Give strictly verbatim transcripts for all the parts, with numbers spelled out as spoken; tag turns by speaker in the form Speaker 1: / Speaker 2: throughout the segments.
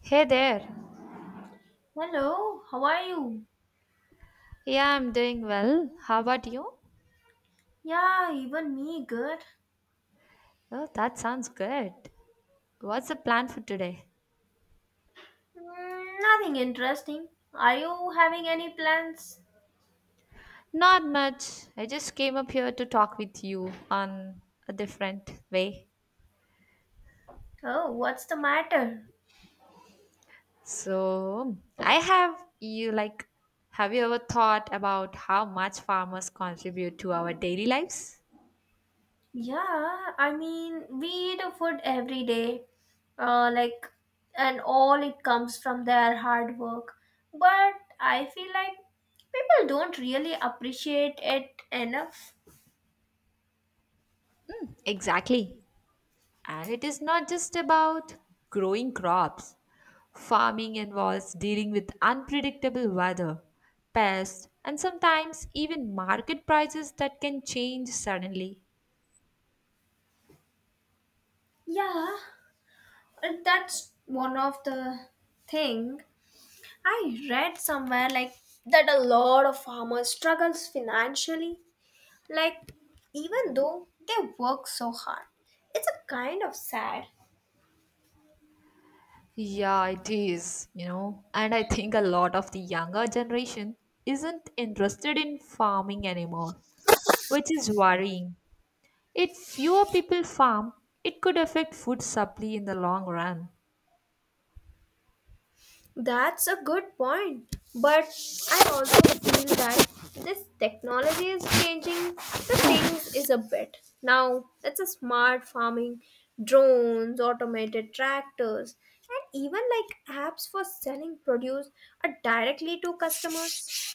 Speaker 1: Hey there.
Speaker 2: Hello, how are you?
Speaker 1: Yeah, I'm doing well. How about you?
Speaker 2: Yeah, even me, good.
Speaker 1: Oh, that sounds good. What's the plan for today?
Speaker 2: Mm, nothing interesting. Are you having any plans?
Speaker 1: Not much. I just came up here to talk with you on a different way.
Speaker 2: Oh, what's the matter?
Speaker 1: So, I have you like, have you ever thought about how much farmers contribute to our daily lives?
Speaker 2: Yeah, I mean, we eat a food every day, uh, like, and all it comes from their hard work. But I feel like people don't really appreciate it enough.
Speaker 1: Exactly. And it is not just about growing crops. Farming involves dealing with unpredictable weather, pests, and sometimes even market prices that can change suddenly.
Speaker 2: Yeah, and that's one of the thing I read somewhere like that a lot of farmers struggles financially like even though they work so hard. It's a kind of sad.
Speaker 1: Yeah, it is, you know. And I think a lot of the younger generation isn't interested in farming anymore, which is worrying. If fewer people farm, it could affect food supply in the long run.
Speaker 2: That's a good point. But I also feel that this technology is changing the things is a bit. Now it's a smart farming, drones, automated tractors, and even like apps for selling produce are directly to customers.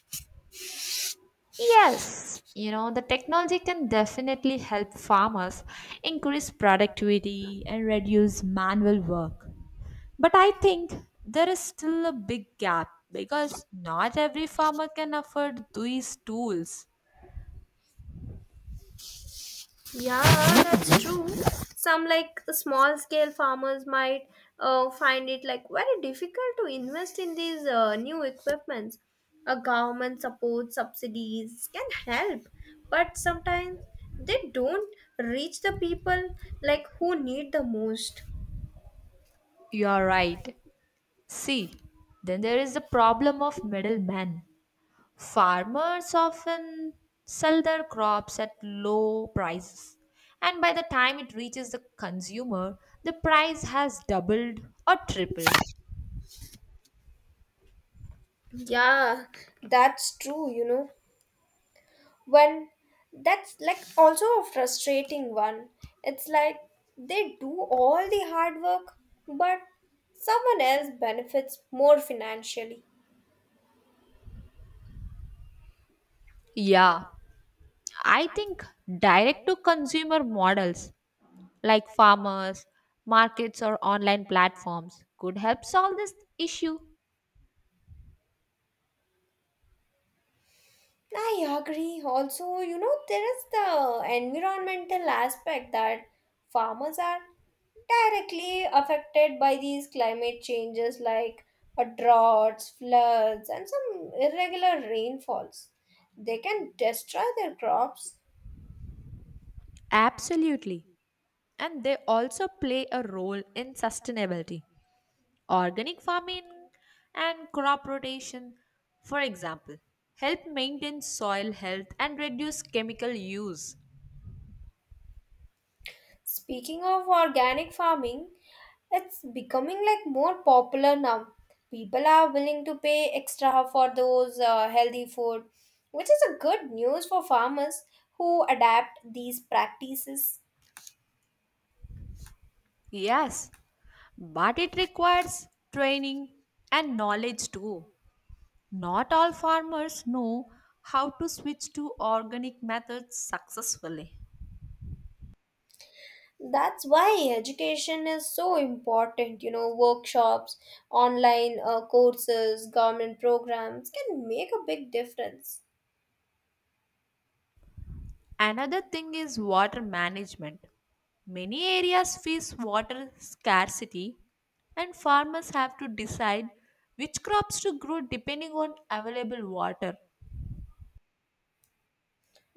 Speaker 1: Yes, you know, the technology can definitely help farmers increase productivity and reduce manual work. But I think there is still a big gap because not every farmer can afford these tools.
Speaker 2: Yeah, that's true. Some like small scale farmers might uh, find it like very difficult to invest in these uh, new equipments. A government support subsidies can help, but sometimes they don't reach the people like who need the most.
Speaker 1: You are right. See, then there is the problem of middlemen. Farmers often sell their crops at low prices, and by the time it reaches the consumer, the price has doubled or tripled.
Speaker 2: Yeah, that's true, you know. When that's like also a frustrating one, it's like they do all the hard work but someone else benefits more financially.
Speaker 1: Yeah, I think direct to consumer models like farmers, markets, or online platforms could help solve this issue.
Speaker 2: I agree. Also, you know, there is the environmental aspect that farmers are directly affected by these climate changes like uh, droughts, floods, and some irregular rainfalls, they can destroy their crops.
Speaker 1: Absolutely. And they also play a role in sustainability. Organic farming and crop rotation, for example, help maintain soil health and reduce chemical use.
Speaker 2: Speaking of organic farming, it's becoming like more popular now. People are willing to pay extra for those uh, healthy food, which is a good news for farmers who adapt these practices.
Speaker 1: Yes, but it requires training and knowledge too. Not all farmers know how to switch to organic methods successfully.
Speaker 2: That's why education is so important. You know, workshops, online uh, courses, government programs can make a big difference.
Speaker 1: Another thing is water management. Many areas face water scarcity, and farmers have to decide which crops to grow depending on available water.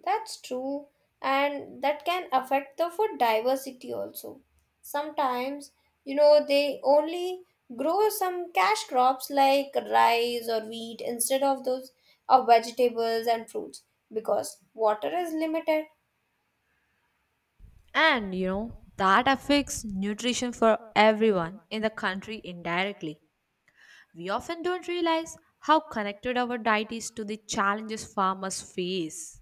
Speaker 2: That's true, and that can affect the food diversity also. Sometimes, you know, they only grow some cash crops like rice or wheat instead of those of vegetables and fruits because water is limited.
Speaker 1: And you know, that affects nutrition for everyone in the country indirectly. We often don't realize how connected our diet is to the challenges farmers face.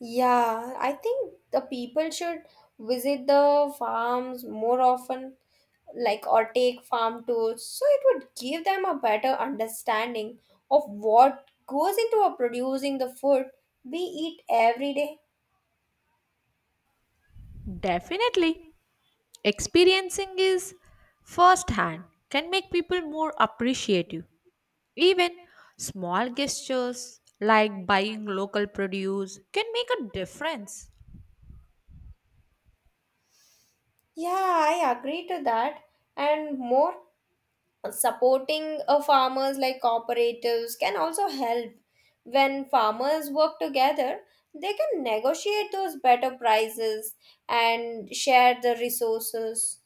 Speaker 2: Yeah, I think the people should visit the farms more often like or take farm tours, so it would give them a better understanding of what goes into a producing the food we eat every day.
Speaker 1: Definitely, experiencing is firsthand can make people more appreciative. Even small gestures like buying local produce can make a difference.
Speaker 2: Yeah, I agree to that. And more supporting uh, farmers like cooperatives can also help. When farmers work together, they can negotiate those better prices and share the resources.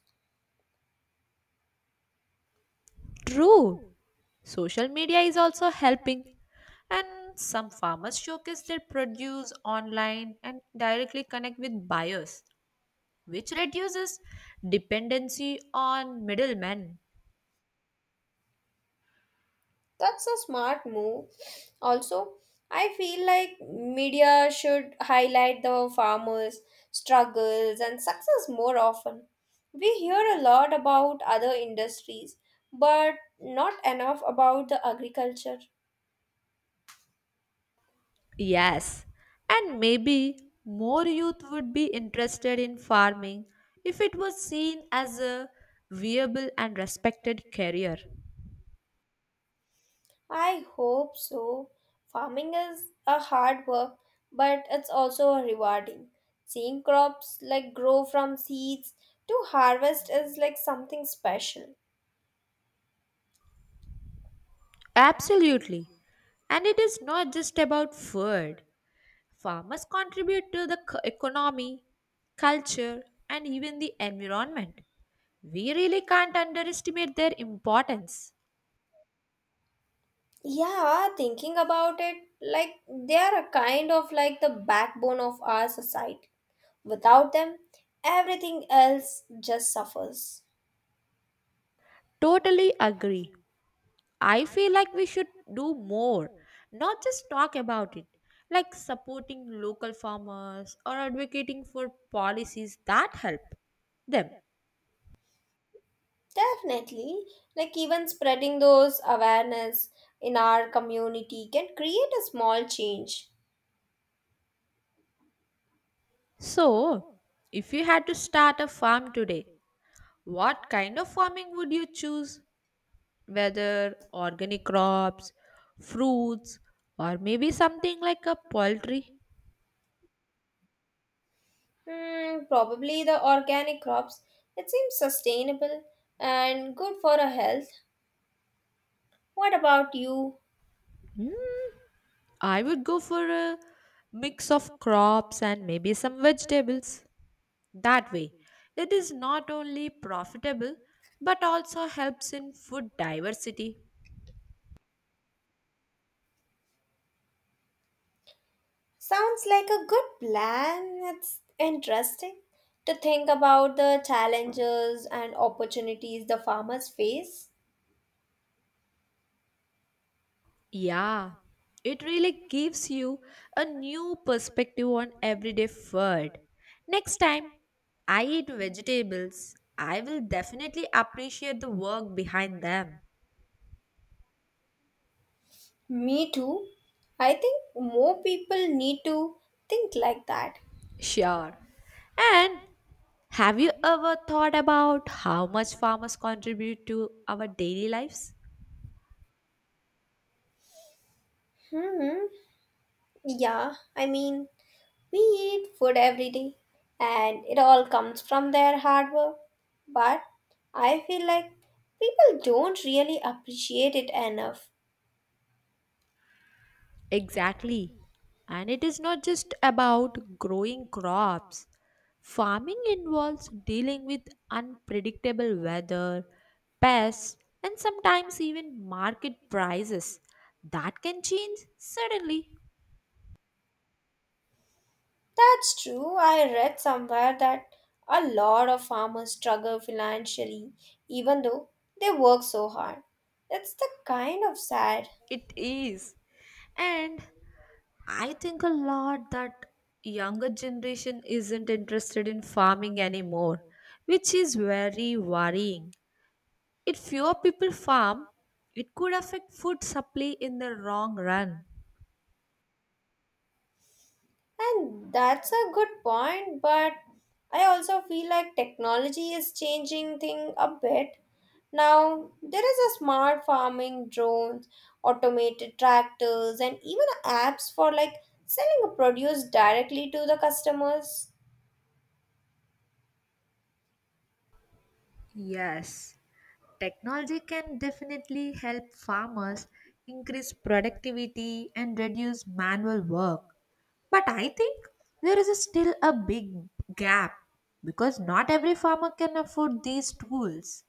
Speaker 1: True, social media is also helping, and some farmers showcase their produce online and directly connect with buyers, which reduces dependency on middlemen.
Speaker 2: That's a smart move. Also, I feel like media should highlight the farmers' struggles and success more often. We hear a lot about other industries, but not enough about the agriculture.
Speaker 1: Yes, and maybe more youth would be interested in farming if it was seen as a viable and respected career.
Speaker 2: I hope so. Farming is a hard work, but it's also rewarding. Seeing crops like grow from seeds to harvest is like something special.
Speaker 1: Absolutely. And it is not just about food. Farmers contribute to the c- economy, culture, and even the environment. We really can't underestimate their importance.
Speaker 2: Yeah, thinking about it, like they are a kind of like the backbone of our society. Without them, everything else just suffers.
Speaker 1: Totally agree. I feel like we should do more, not just talk about it, like supporting local farmers or advocating for policies that help them.
Speaker 2: Definitely, like even spreading those awareness in our community can create a small change.
Speaker 1: So, if you had to start a farm today, what kind of farming would you choose? Whether organic crops, fruits, or maybe something like a poultry?
Speaker 2: Hmm, probably the organic crops. It seems sustainable and good for our health. What about you?
Speaker 1: Hmm, I would go for a mix of crops and maybe some vegetables. That way, it is not only profitable but also helps in food diversity.
Speaker 2: Sounds like a good plan. It's interesting to think about the challenges and opportunities the farmers face.
Speaker 1: Yeah, it really gives you a new perspective on everyday food. Next time I eat vegetables, I will definitely appreciate the work behind them.
Speaker 2: Me too. I think more people need to think like that.
Speaker 1: Sure. And have you ever thought about how much farmers contribute to our daily lives?
Speaker 2: Hmm. Yeah, I mean, we eat food every day and it all comes from their hard work. But I feel like people don't really appreciate it enough.
Speaker 1: Exactly. And it is not just about growing crops. Farming involves dealing with unpredictable weather, pests, and sometimes even market prices that can change suddenly.
Speaker 2: That's true. I read somewhere that a lot of farmers struggle financially even though they work so hard. It's the kind of sad.
Speaker 1: It is. And I think a lot that younger generation isn't interested in farming anymore, which is very worrying. If fewer people farm, it could affect food supply in the long run.
Speaker 2: And that's a good point, but I also feel like technology is changing thing a bit. Now there is a smart farming, drones, automated tractors, and even apps for like selling a produce directly to the customers.
Speaker 1: Yes, technology can definitely help farmers increase productivity and reduce manual work. But I think there is a still a big gap because not every farmer can afford these tools.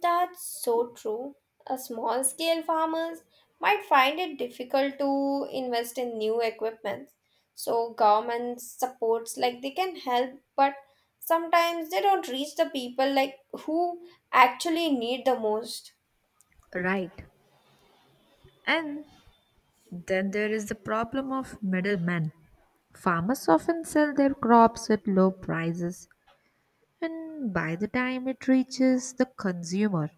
Speaker 2: That's so true. A small scale farmers might find it difficult to invest in new equipment. So government supports like they can help, but sometimes they don't reach the people like who actually need the most.
Speaker 1: Right. And then there is the problem of middlemen. Farmers often sell their crops at low prices. And by the time it reaches the consumer,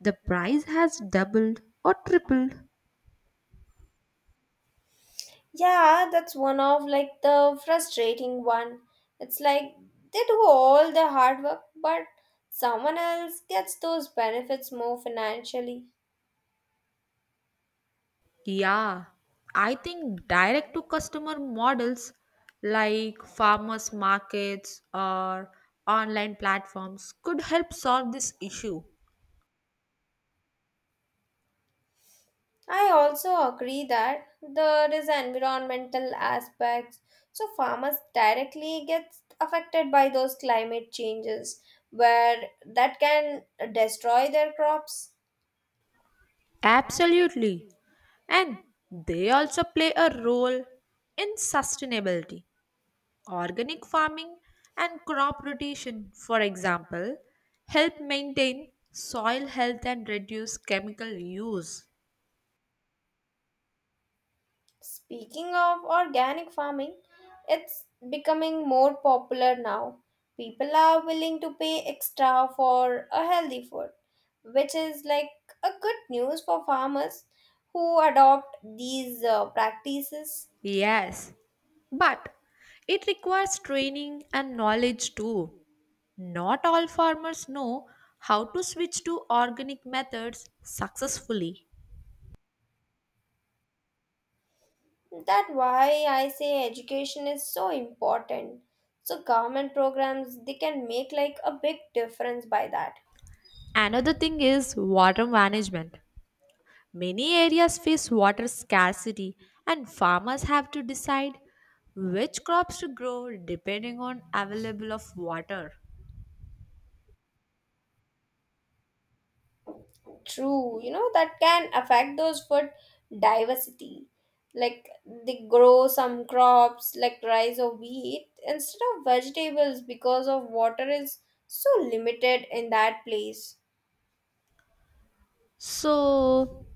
Speaker 1: the price has doubled or tripled.
Speaker 2: Yeah, that's one of like the frustrating one. It's like they do all the hard work, but someone else gets those benefits more financially.
Speaker 1: Yeah, I think direct to customer models like farmers markets or online platforms could help solve this issue.
Speaker 2: I also agree that there is environmental aspects, so farmers directly gets affected by those climate changes where that can destroy their crops.
Speaker 1: Absolutely. And they also play a role in sustainability. Organic farming and crop rotation, for example, help maintain soil health and reduce chemical use.
Speaker 2: Speaking of organic farming, it's becoming more popular now. People are willing to pay extra for a healthy food, which is like a good news for farmers who adopt these uh, practices.
Speaker 1: Yes, but it requires training and knowledge too. Not all farmers know how to switch to organic methods successfully.
Speaker 2: That why I say education is so important. So government programs they can make like a big difference by that.
Speaker 1: Another thing is water management. Many areas face water scarcity, and farmers have to decide which crops to grow depending on available of water.
Speaker 2: True, you know that can affect those food diversity. Like they grow some crops like rice or wheat instead of vegetables because of water is so limited in that place.
Speaker 1: So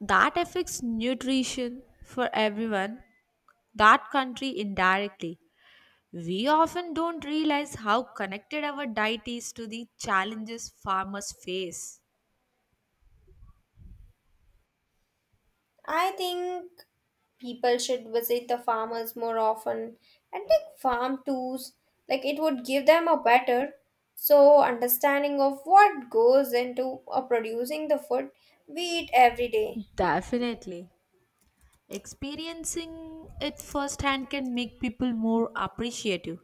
Speaker 1: that affects nutrition for everyone, that country indirectly. We often don't realize how connected our diet is to the challenges farmers face.
Speaker 2: I think people should visit the farmers more often and take farm tours, like it would give them a better so understanding of what goes into uh, producing the food we eat every day.
Speaker 1: Definitely. Experiencing it firsthand can make people more appreciative.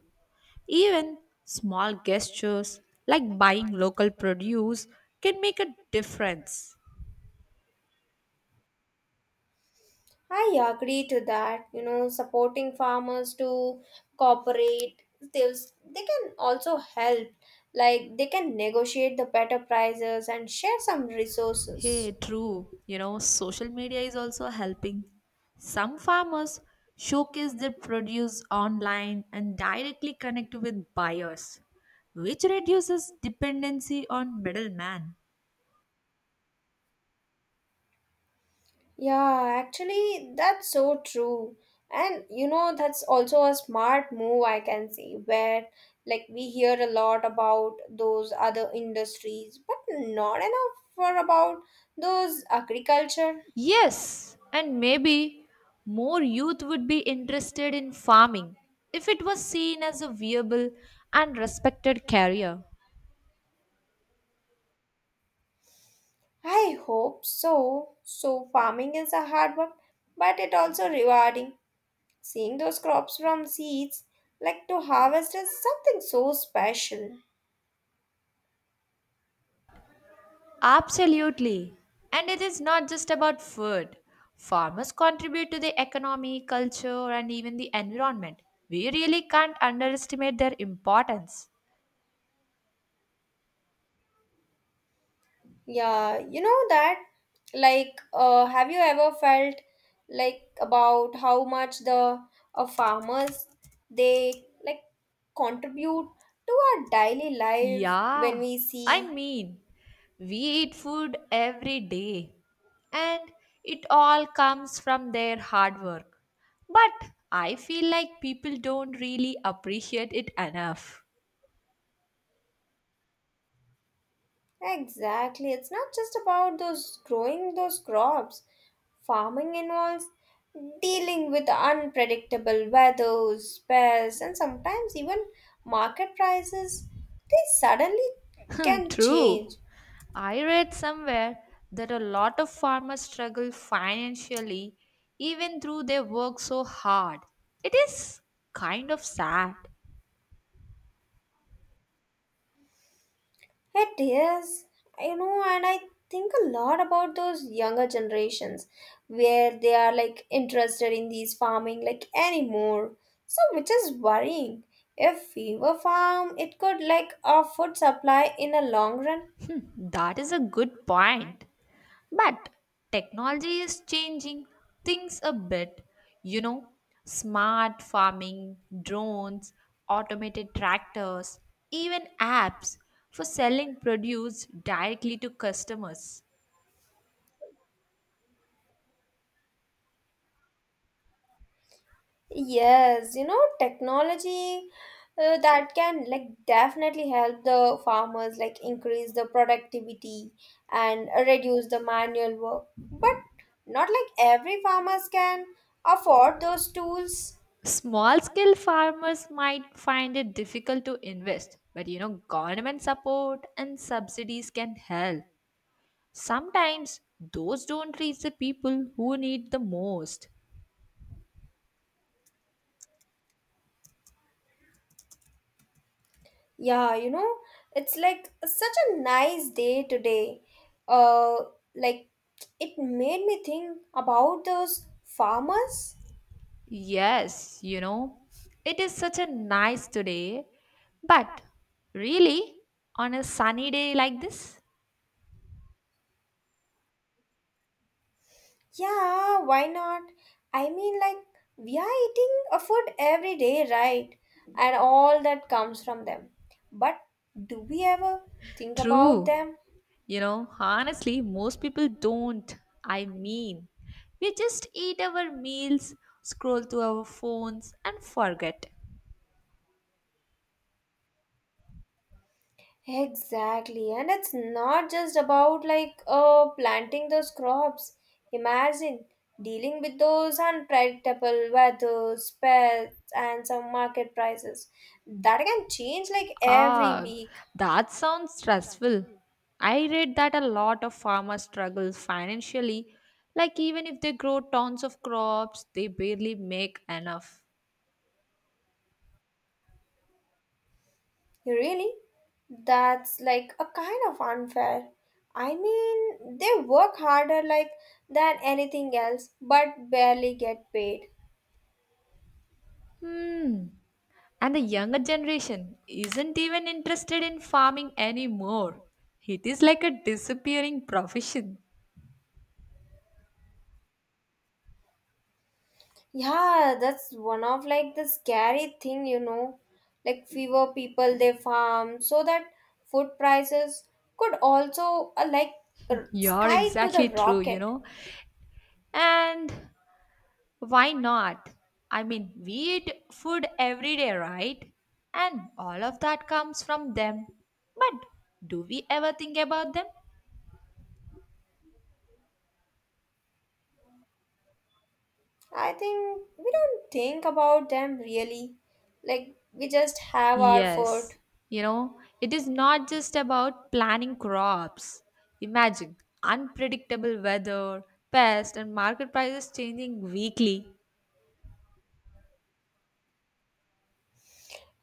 Speaker 1: Even small gestures like buying local produce can make a difference.
Speaker 2: I agree to that. You know, supporting farmers to cooperate, they'll, they can also help, like they can negotiate the better prices and share some
Speaker 1: Hey,
Speaker 2: resources.
Speaker 1: true. You know, social media is also helping. Some farmers showcase their produce online and directly connect with buyers, which reduces dependency on middleman.
Speaker 2: Yeah, actually, that's so true. And you know, that's also a smart move, I can see, where like we hear a lot about those other industries, but not enough for about those agriculture.
Speaker 1: Yes, and maybe more youth would be interested in farming if it was seen as a viable and respected career.
Speaker 2: I hope so. So, farming is a hard work, but it also rewarding. Seeing those crops from seeds, like to harvest, is something so special.
Speaker 1: Absolutely. And it is not just about food. Farmers contribute to the economy, culture, and even the environment. We really can't underestimate their importance.
Speaker 2: Yeah, you know that like uh, have you ever felt like about how much the uh, farmers they like contribute to our daily life when
Speaker 1: Yeah,
Speaker 2: we
Speaker 1: I
Speaker 2: see,
Speaker 1: mean, we eat food every day, and it all comes from their hard work. But I feel like people don't really appreciate it enough.
Speaker 2: exactly, it's not just about those growing those crops. Farming involves dealing with unpredictable weathers, pests, and sometimes even market prices, they suddenly can
Speaker 1: True.
Speaker 2: change.
Speaker 1: I read somewhere that a lot of farmers struggle financially even though they work so hard. It is kind of sad.
Speaker 2: It is, you know, and I think a lot about those younger generations where they are like interested in these farming like anymore. So, which is worrying. If we were farm, it could like our food supply in a long run.
Speaker 1: That is a good point. But technology is changing things a bit. You know, smart farming, drones, automated tractors, even apps for selling produce directly to customers.
Speaker 2: Yes, you know, technology uh, that can like definitely help the farmers like increase the productivity and reduce the manual work. But not like every farmers can afford those tools.
Speaker 1: Small scale farmers might find it difficult to invest, but you know, government support and subsidies can help. Sometimes those don't reach the people who need the most.
Speaker 2: Yeah, you know, it's like such a nice day today. Uh, like it made me think about those farmers.
Speaker 1: Yes, you know, it is such a nice today, but really, on a sunny day like this.
Speaker 2: Yeah, why not? I mean, like, we are eating a food every day, right? And all that comes from them. But do we ever think about
Speaker 1: True.
Speaker 2: them?
Speaker 1: You know, honestly, most people don't. I mean, we just eat our meals, scroll through our phones, and forget.
Speaker 2: Exactly. And it's not just about like uh, planting those crops. Imagine dealing with those unpredictable weather, pests, and some market prices that can change like every
Speaker 1: Ah,
Speaker 2: week.
Speaker 1: that sounds stressful. I read that a lot of farmers struggle financially, like even if they grow tons of crops, they barely make enough.
Speaker 2: Really? That's like a kind of unfair. I mean, they work harder like than anything else but barely get paid.
Speaker 1: Hmm. And the younger generation isn't even interested in farming anymore. It is like a disappearing profession.
Speaker 2: Yeah, that's one of like the scary thing, you know. Like fewer people they farm, so that food prices could also uh, like r-
Speaker 1: You're
Speaker 2: sky to the
Speaker 1: exactly true, you
Speaker 2: rocket.
Speaker 1: know. And why not? I mean, we eat food every day, right? And all of that comes from them. But do we ever think about them?
Speaker 2: I think we don't think about them really. Like we just have our food.
Speaker 1: Yes, you know, it is not just about planning crops. Imagine unpredictable weather, pests, and market prices changing weekly.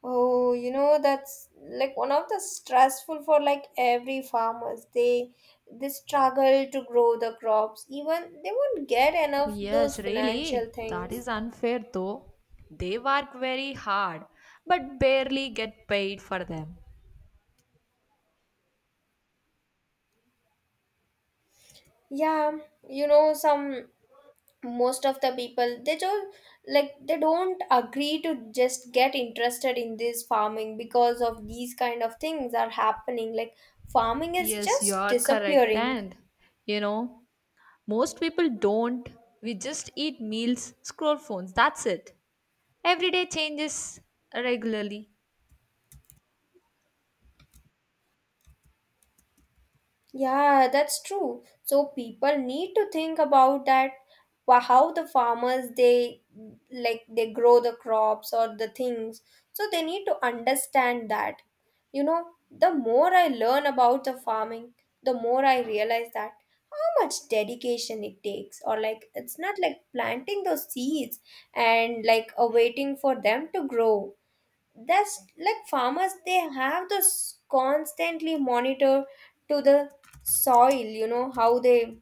Speaker 2: Oh, you know, that's like one of the stressful for like every farmers. They they struggle to grow the crops. Even they won't get
Speaker 1: Oh,
Speaker 2: enough
Speaker 1: yes,
Speaker 2: those financial
Speaker 1: really. That
Speaker 2: things.
Speaker 1: is unfair though. They work very hard but barely get paid for them.
Speaker 2: Yeah, you know, some most of the people they just like they don't agree to just get interested in this farming because of these kind of things are happening. Like farming is
Speaker 1: Yes, you
Speaker 2: just
Speaker 1: are correct.
Speaker 2: disappearing.
Speaker 1: And you know, most people don't. We just eat meals, scroll phones. That's it. Every day changes regularly.
Speaker 2: Yeah, that's true. So people need to think about that, wha- how the farmers they like they grow the crops or the things. So they need to understand that. You know, the more I learn about the farming, the more I realize that how much dedication it takes or like it's not like planting those seeds and like uh, waiting for them to grow. That's like farmers they have this constantly monitor to the soil, you know how they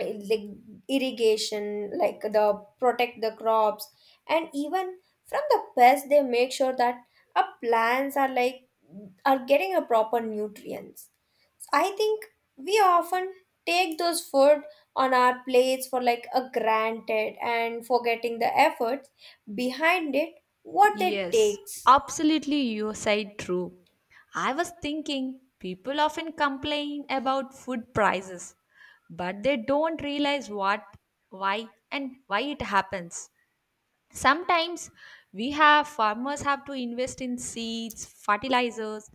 Speaker 2: eh, like irrigation like the protect the crops and even from the pests. They make sure that our plants are like are getting a proper nutrients. I think we often take those food on our plates for like a granted and forgetting the efforts behind it, what it
Speaker 1: Yes,
Speaker 2: takes.
Speaker 1: absolutely, you said true. I was thinking people often complain about food prices, but they don't realize what, why, and why it happens. Sometimes we have farmers have to invest in seeds, fertilizers,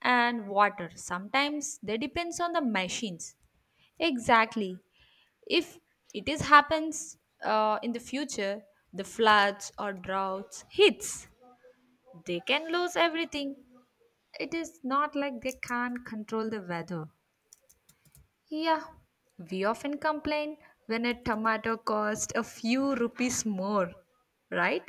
Speaker 1: and water. Sometimes they depends on the machines. Exactly. If it is happens uh, in the future, the floods or droughts hits, they can lose everything. It is not like they can't control the weather. Yeah, we often complain when a tomato costs a few rupees more, right?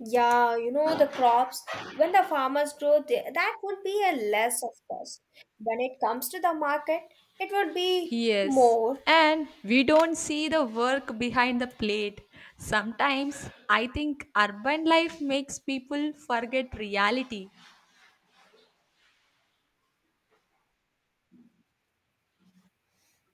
Speaker 2: Yeah, you know, the crops, when the farmers grow, they, that would be a less, of course. When it comes to the market, it would be
Speaker 1: Yes,
Speaker 2: more.
Speaker 1: and we don't see the work behind the plate. Sometimes I think urban life makes people forget reality.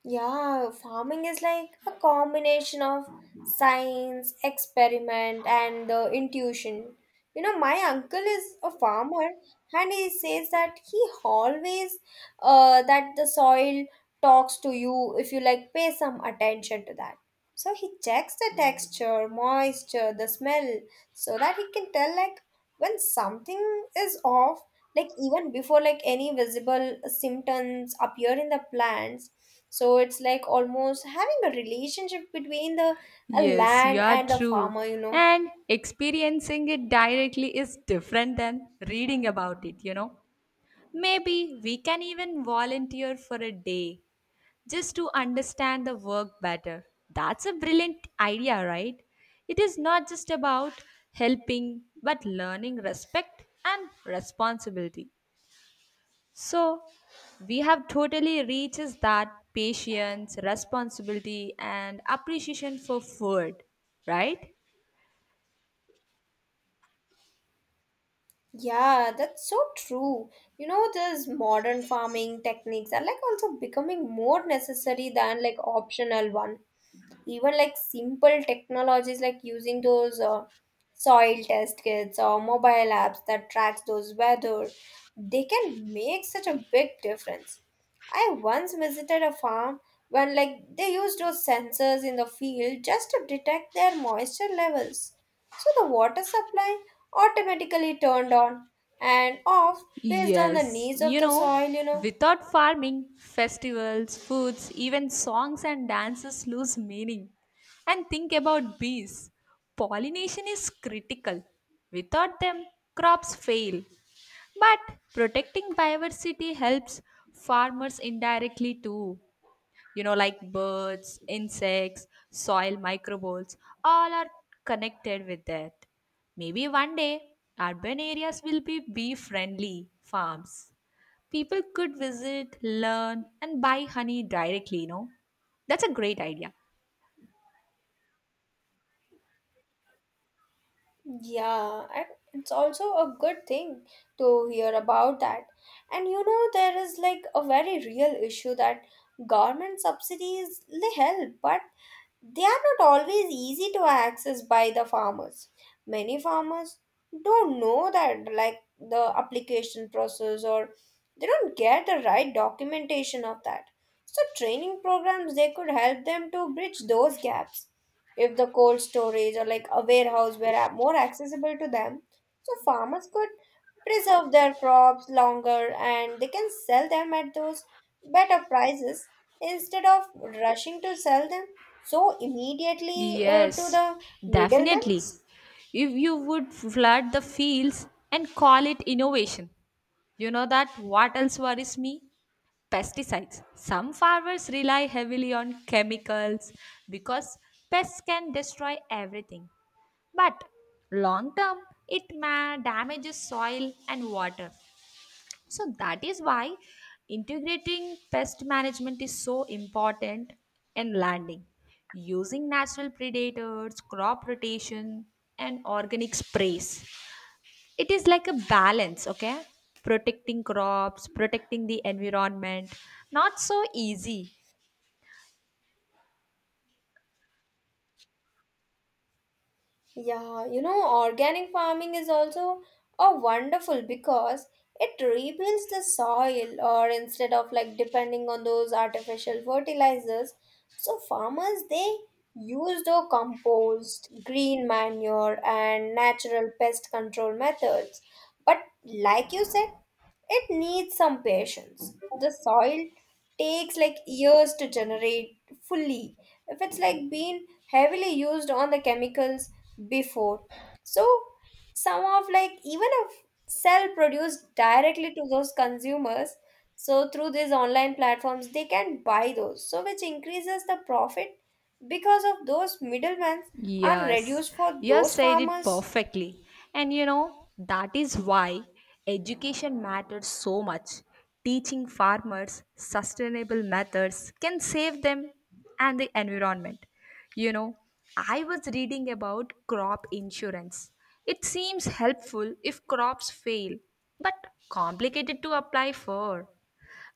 Speaker 2: Yeah, farming is like a combination of science, experiment, and the intuition. You know, my uncle is a farmer, and he says that he always uh, that the soil talks to you if you like pay some attention to that. So he checks the texture, moisture, the smell, so that he can tell like when something is off, like even before like any visible symptoms appear in the plants. So it's like almost having a relationship between the a
Speaker 1: Yes, you
Speaker 2: land
Speaker 1: are
Speaker 2: and the
Speaker 1: true.
Speaker 2: farmer, you know.
Speaker 1: And experiencing it directly is different than reading about it, you know. Maybe we can even volunteer for a day just to understand the work better. That's a brilliant idea, right? It is not just about helping, but learning respect and responsibility. So, we have totally reaches that patience, responsibility, and appreciation for food, right?
Speaker 2: Yeah, that's so true. You know, these modern farming techniques are like also becoming more necessary than like optional one. Even like simple technologies like using those uh, soil test kits or mobile apps that tracks those weather, they can make such a big difference. I once visited a farm when like they used those sensors in the field just to detect their moisture levels. So the water supply automatically turned on and off based on the
Speaker 1: Yes,
Speaker 2: needs of
Speaker 1: you
Speaker 2: the
Speaker 1: know,
Speaker 2: soil, you know.
Speaker 1: without farming, festivals, foods, even songs and dances lose meaning. And think about bees. Pollination is critical. Without them, crops fail. But protecting biodiversity helps farmers indirectly too. You know, like birds, insects, soil microbes, all are connected with that. Maybe one day urban areas will be bee friendly farms. People could visit, learn, and buy honey directly, you know. That's a great idea.
Speaker 2: Yeah, and it's also a good thing to hear about that. And you know, there is like a very real issue that government subsidies they help, but they are not always easy to access by the farmers. Many farmers don't know that, like the application process, or they don't get the right documentation of that. So, training programs they could help them to bridge those gaps. If the cold storage or like a warehouse were a- more accessible to them, so farmers could preserve their crops longer and they can sell them at those better prices instead of rushing to sell them so immediately uh, to
Speaker 1: Yes,
Speaker 2: the middlemen.
Speaker 1: definitely. If you would flood the fields and call it innovation, you know that what else worries me. Pesticides. Some farmers rely heavily on chemicals because pests can destroy everything. But long term, it ma- damages soil and water. So that is why integrating pest management is so important in landing. Using natural predators, crop rotation, and organic sprays, it is like a balance, okay? Protecting crops, protecting the environment, not so easy.
Speaker 2: Yeah, you know, organic farming is also a wonderful because it rebuilds the soil or instead of like depending on those artificial fertilizers. So farmers they use the compost, green manure, and natural pest control methods. But like you said, it needs some patience. The soil takes like years to generate fully if it's like been heavily used on the chemicals before. So some of like even a cell produced directly to those consumers. So through these online platforms they can buy those. So which increases the profit because of those middlemen are
Speaker 1: Yes,
Speaker 2: reduced for
Speaker 1: you have
Speaker 2: those
Speaker 1: said it
Speaker 2: farmers.
Speaker 1: perfectly. And you know, that is why education matters so much. Teaching farmers sustainable methods can save them and the environment. You know, I was reading about crop insurance. It seems helpful if crops fail, but complicated to apply for.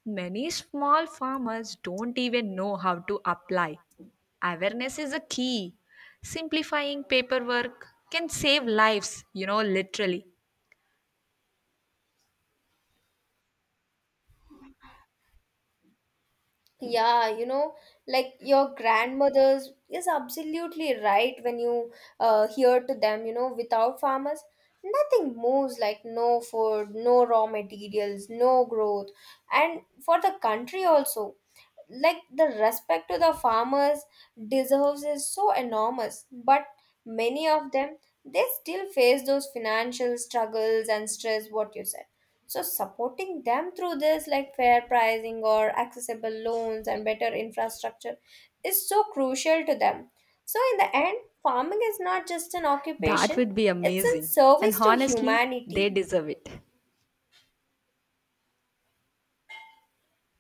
Speaker 1: Many small farmers don't even know how to apply. Awareness is a key. Simplifying paperwork can save lives, you know, literally.
Speaker 2: Yeah, you know, like your grandmothers is absolutely right. When you uh, hear to them, you know, without farmers, nothing moves like no food, no raw materials, no growth. And for the country also, like the respect to the farmers deserves is so enormous, but many of them they still face those financial struggles and stress what you said. So supporting them through this like fair pricing or accessible loans and better infrastructure is so crucial to them. So in the end, farming is not just an
Speaker 1: That
Speaker 2: occupation,
Speaker 1: would be
Speaker 2: it's in
Speaker 1: amazing. And
Speaker 2: service to
Speaker 1: honestly, they
Speaker 2: humanity.
Speaker 1: deserve it.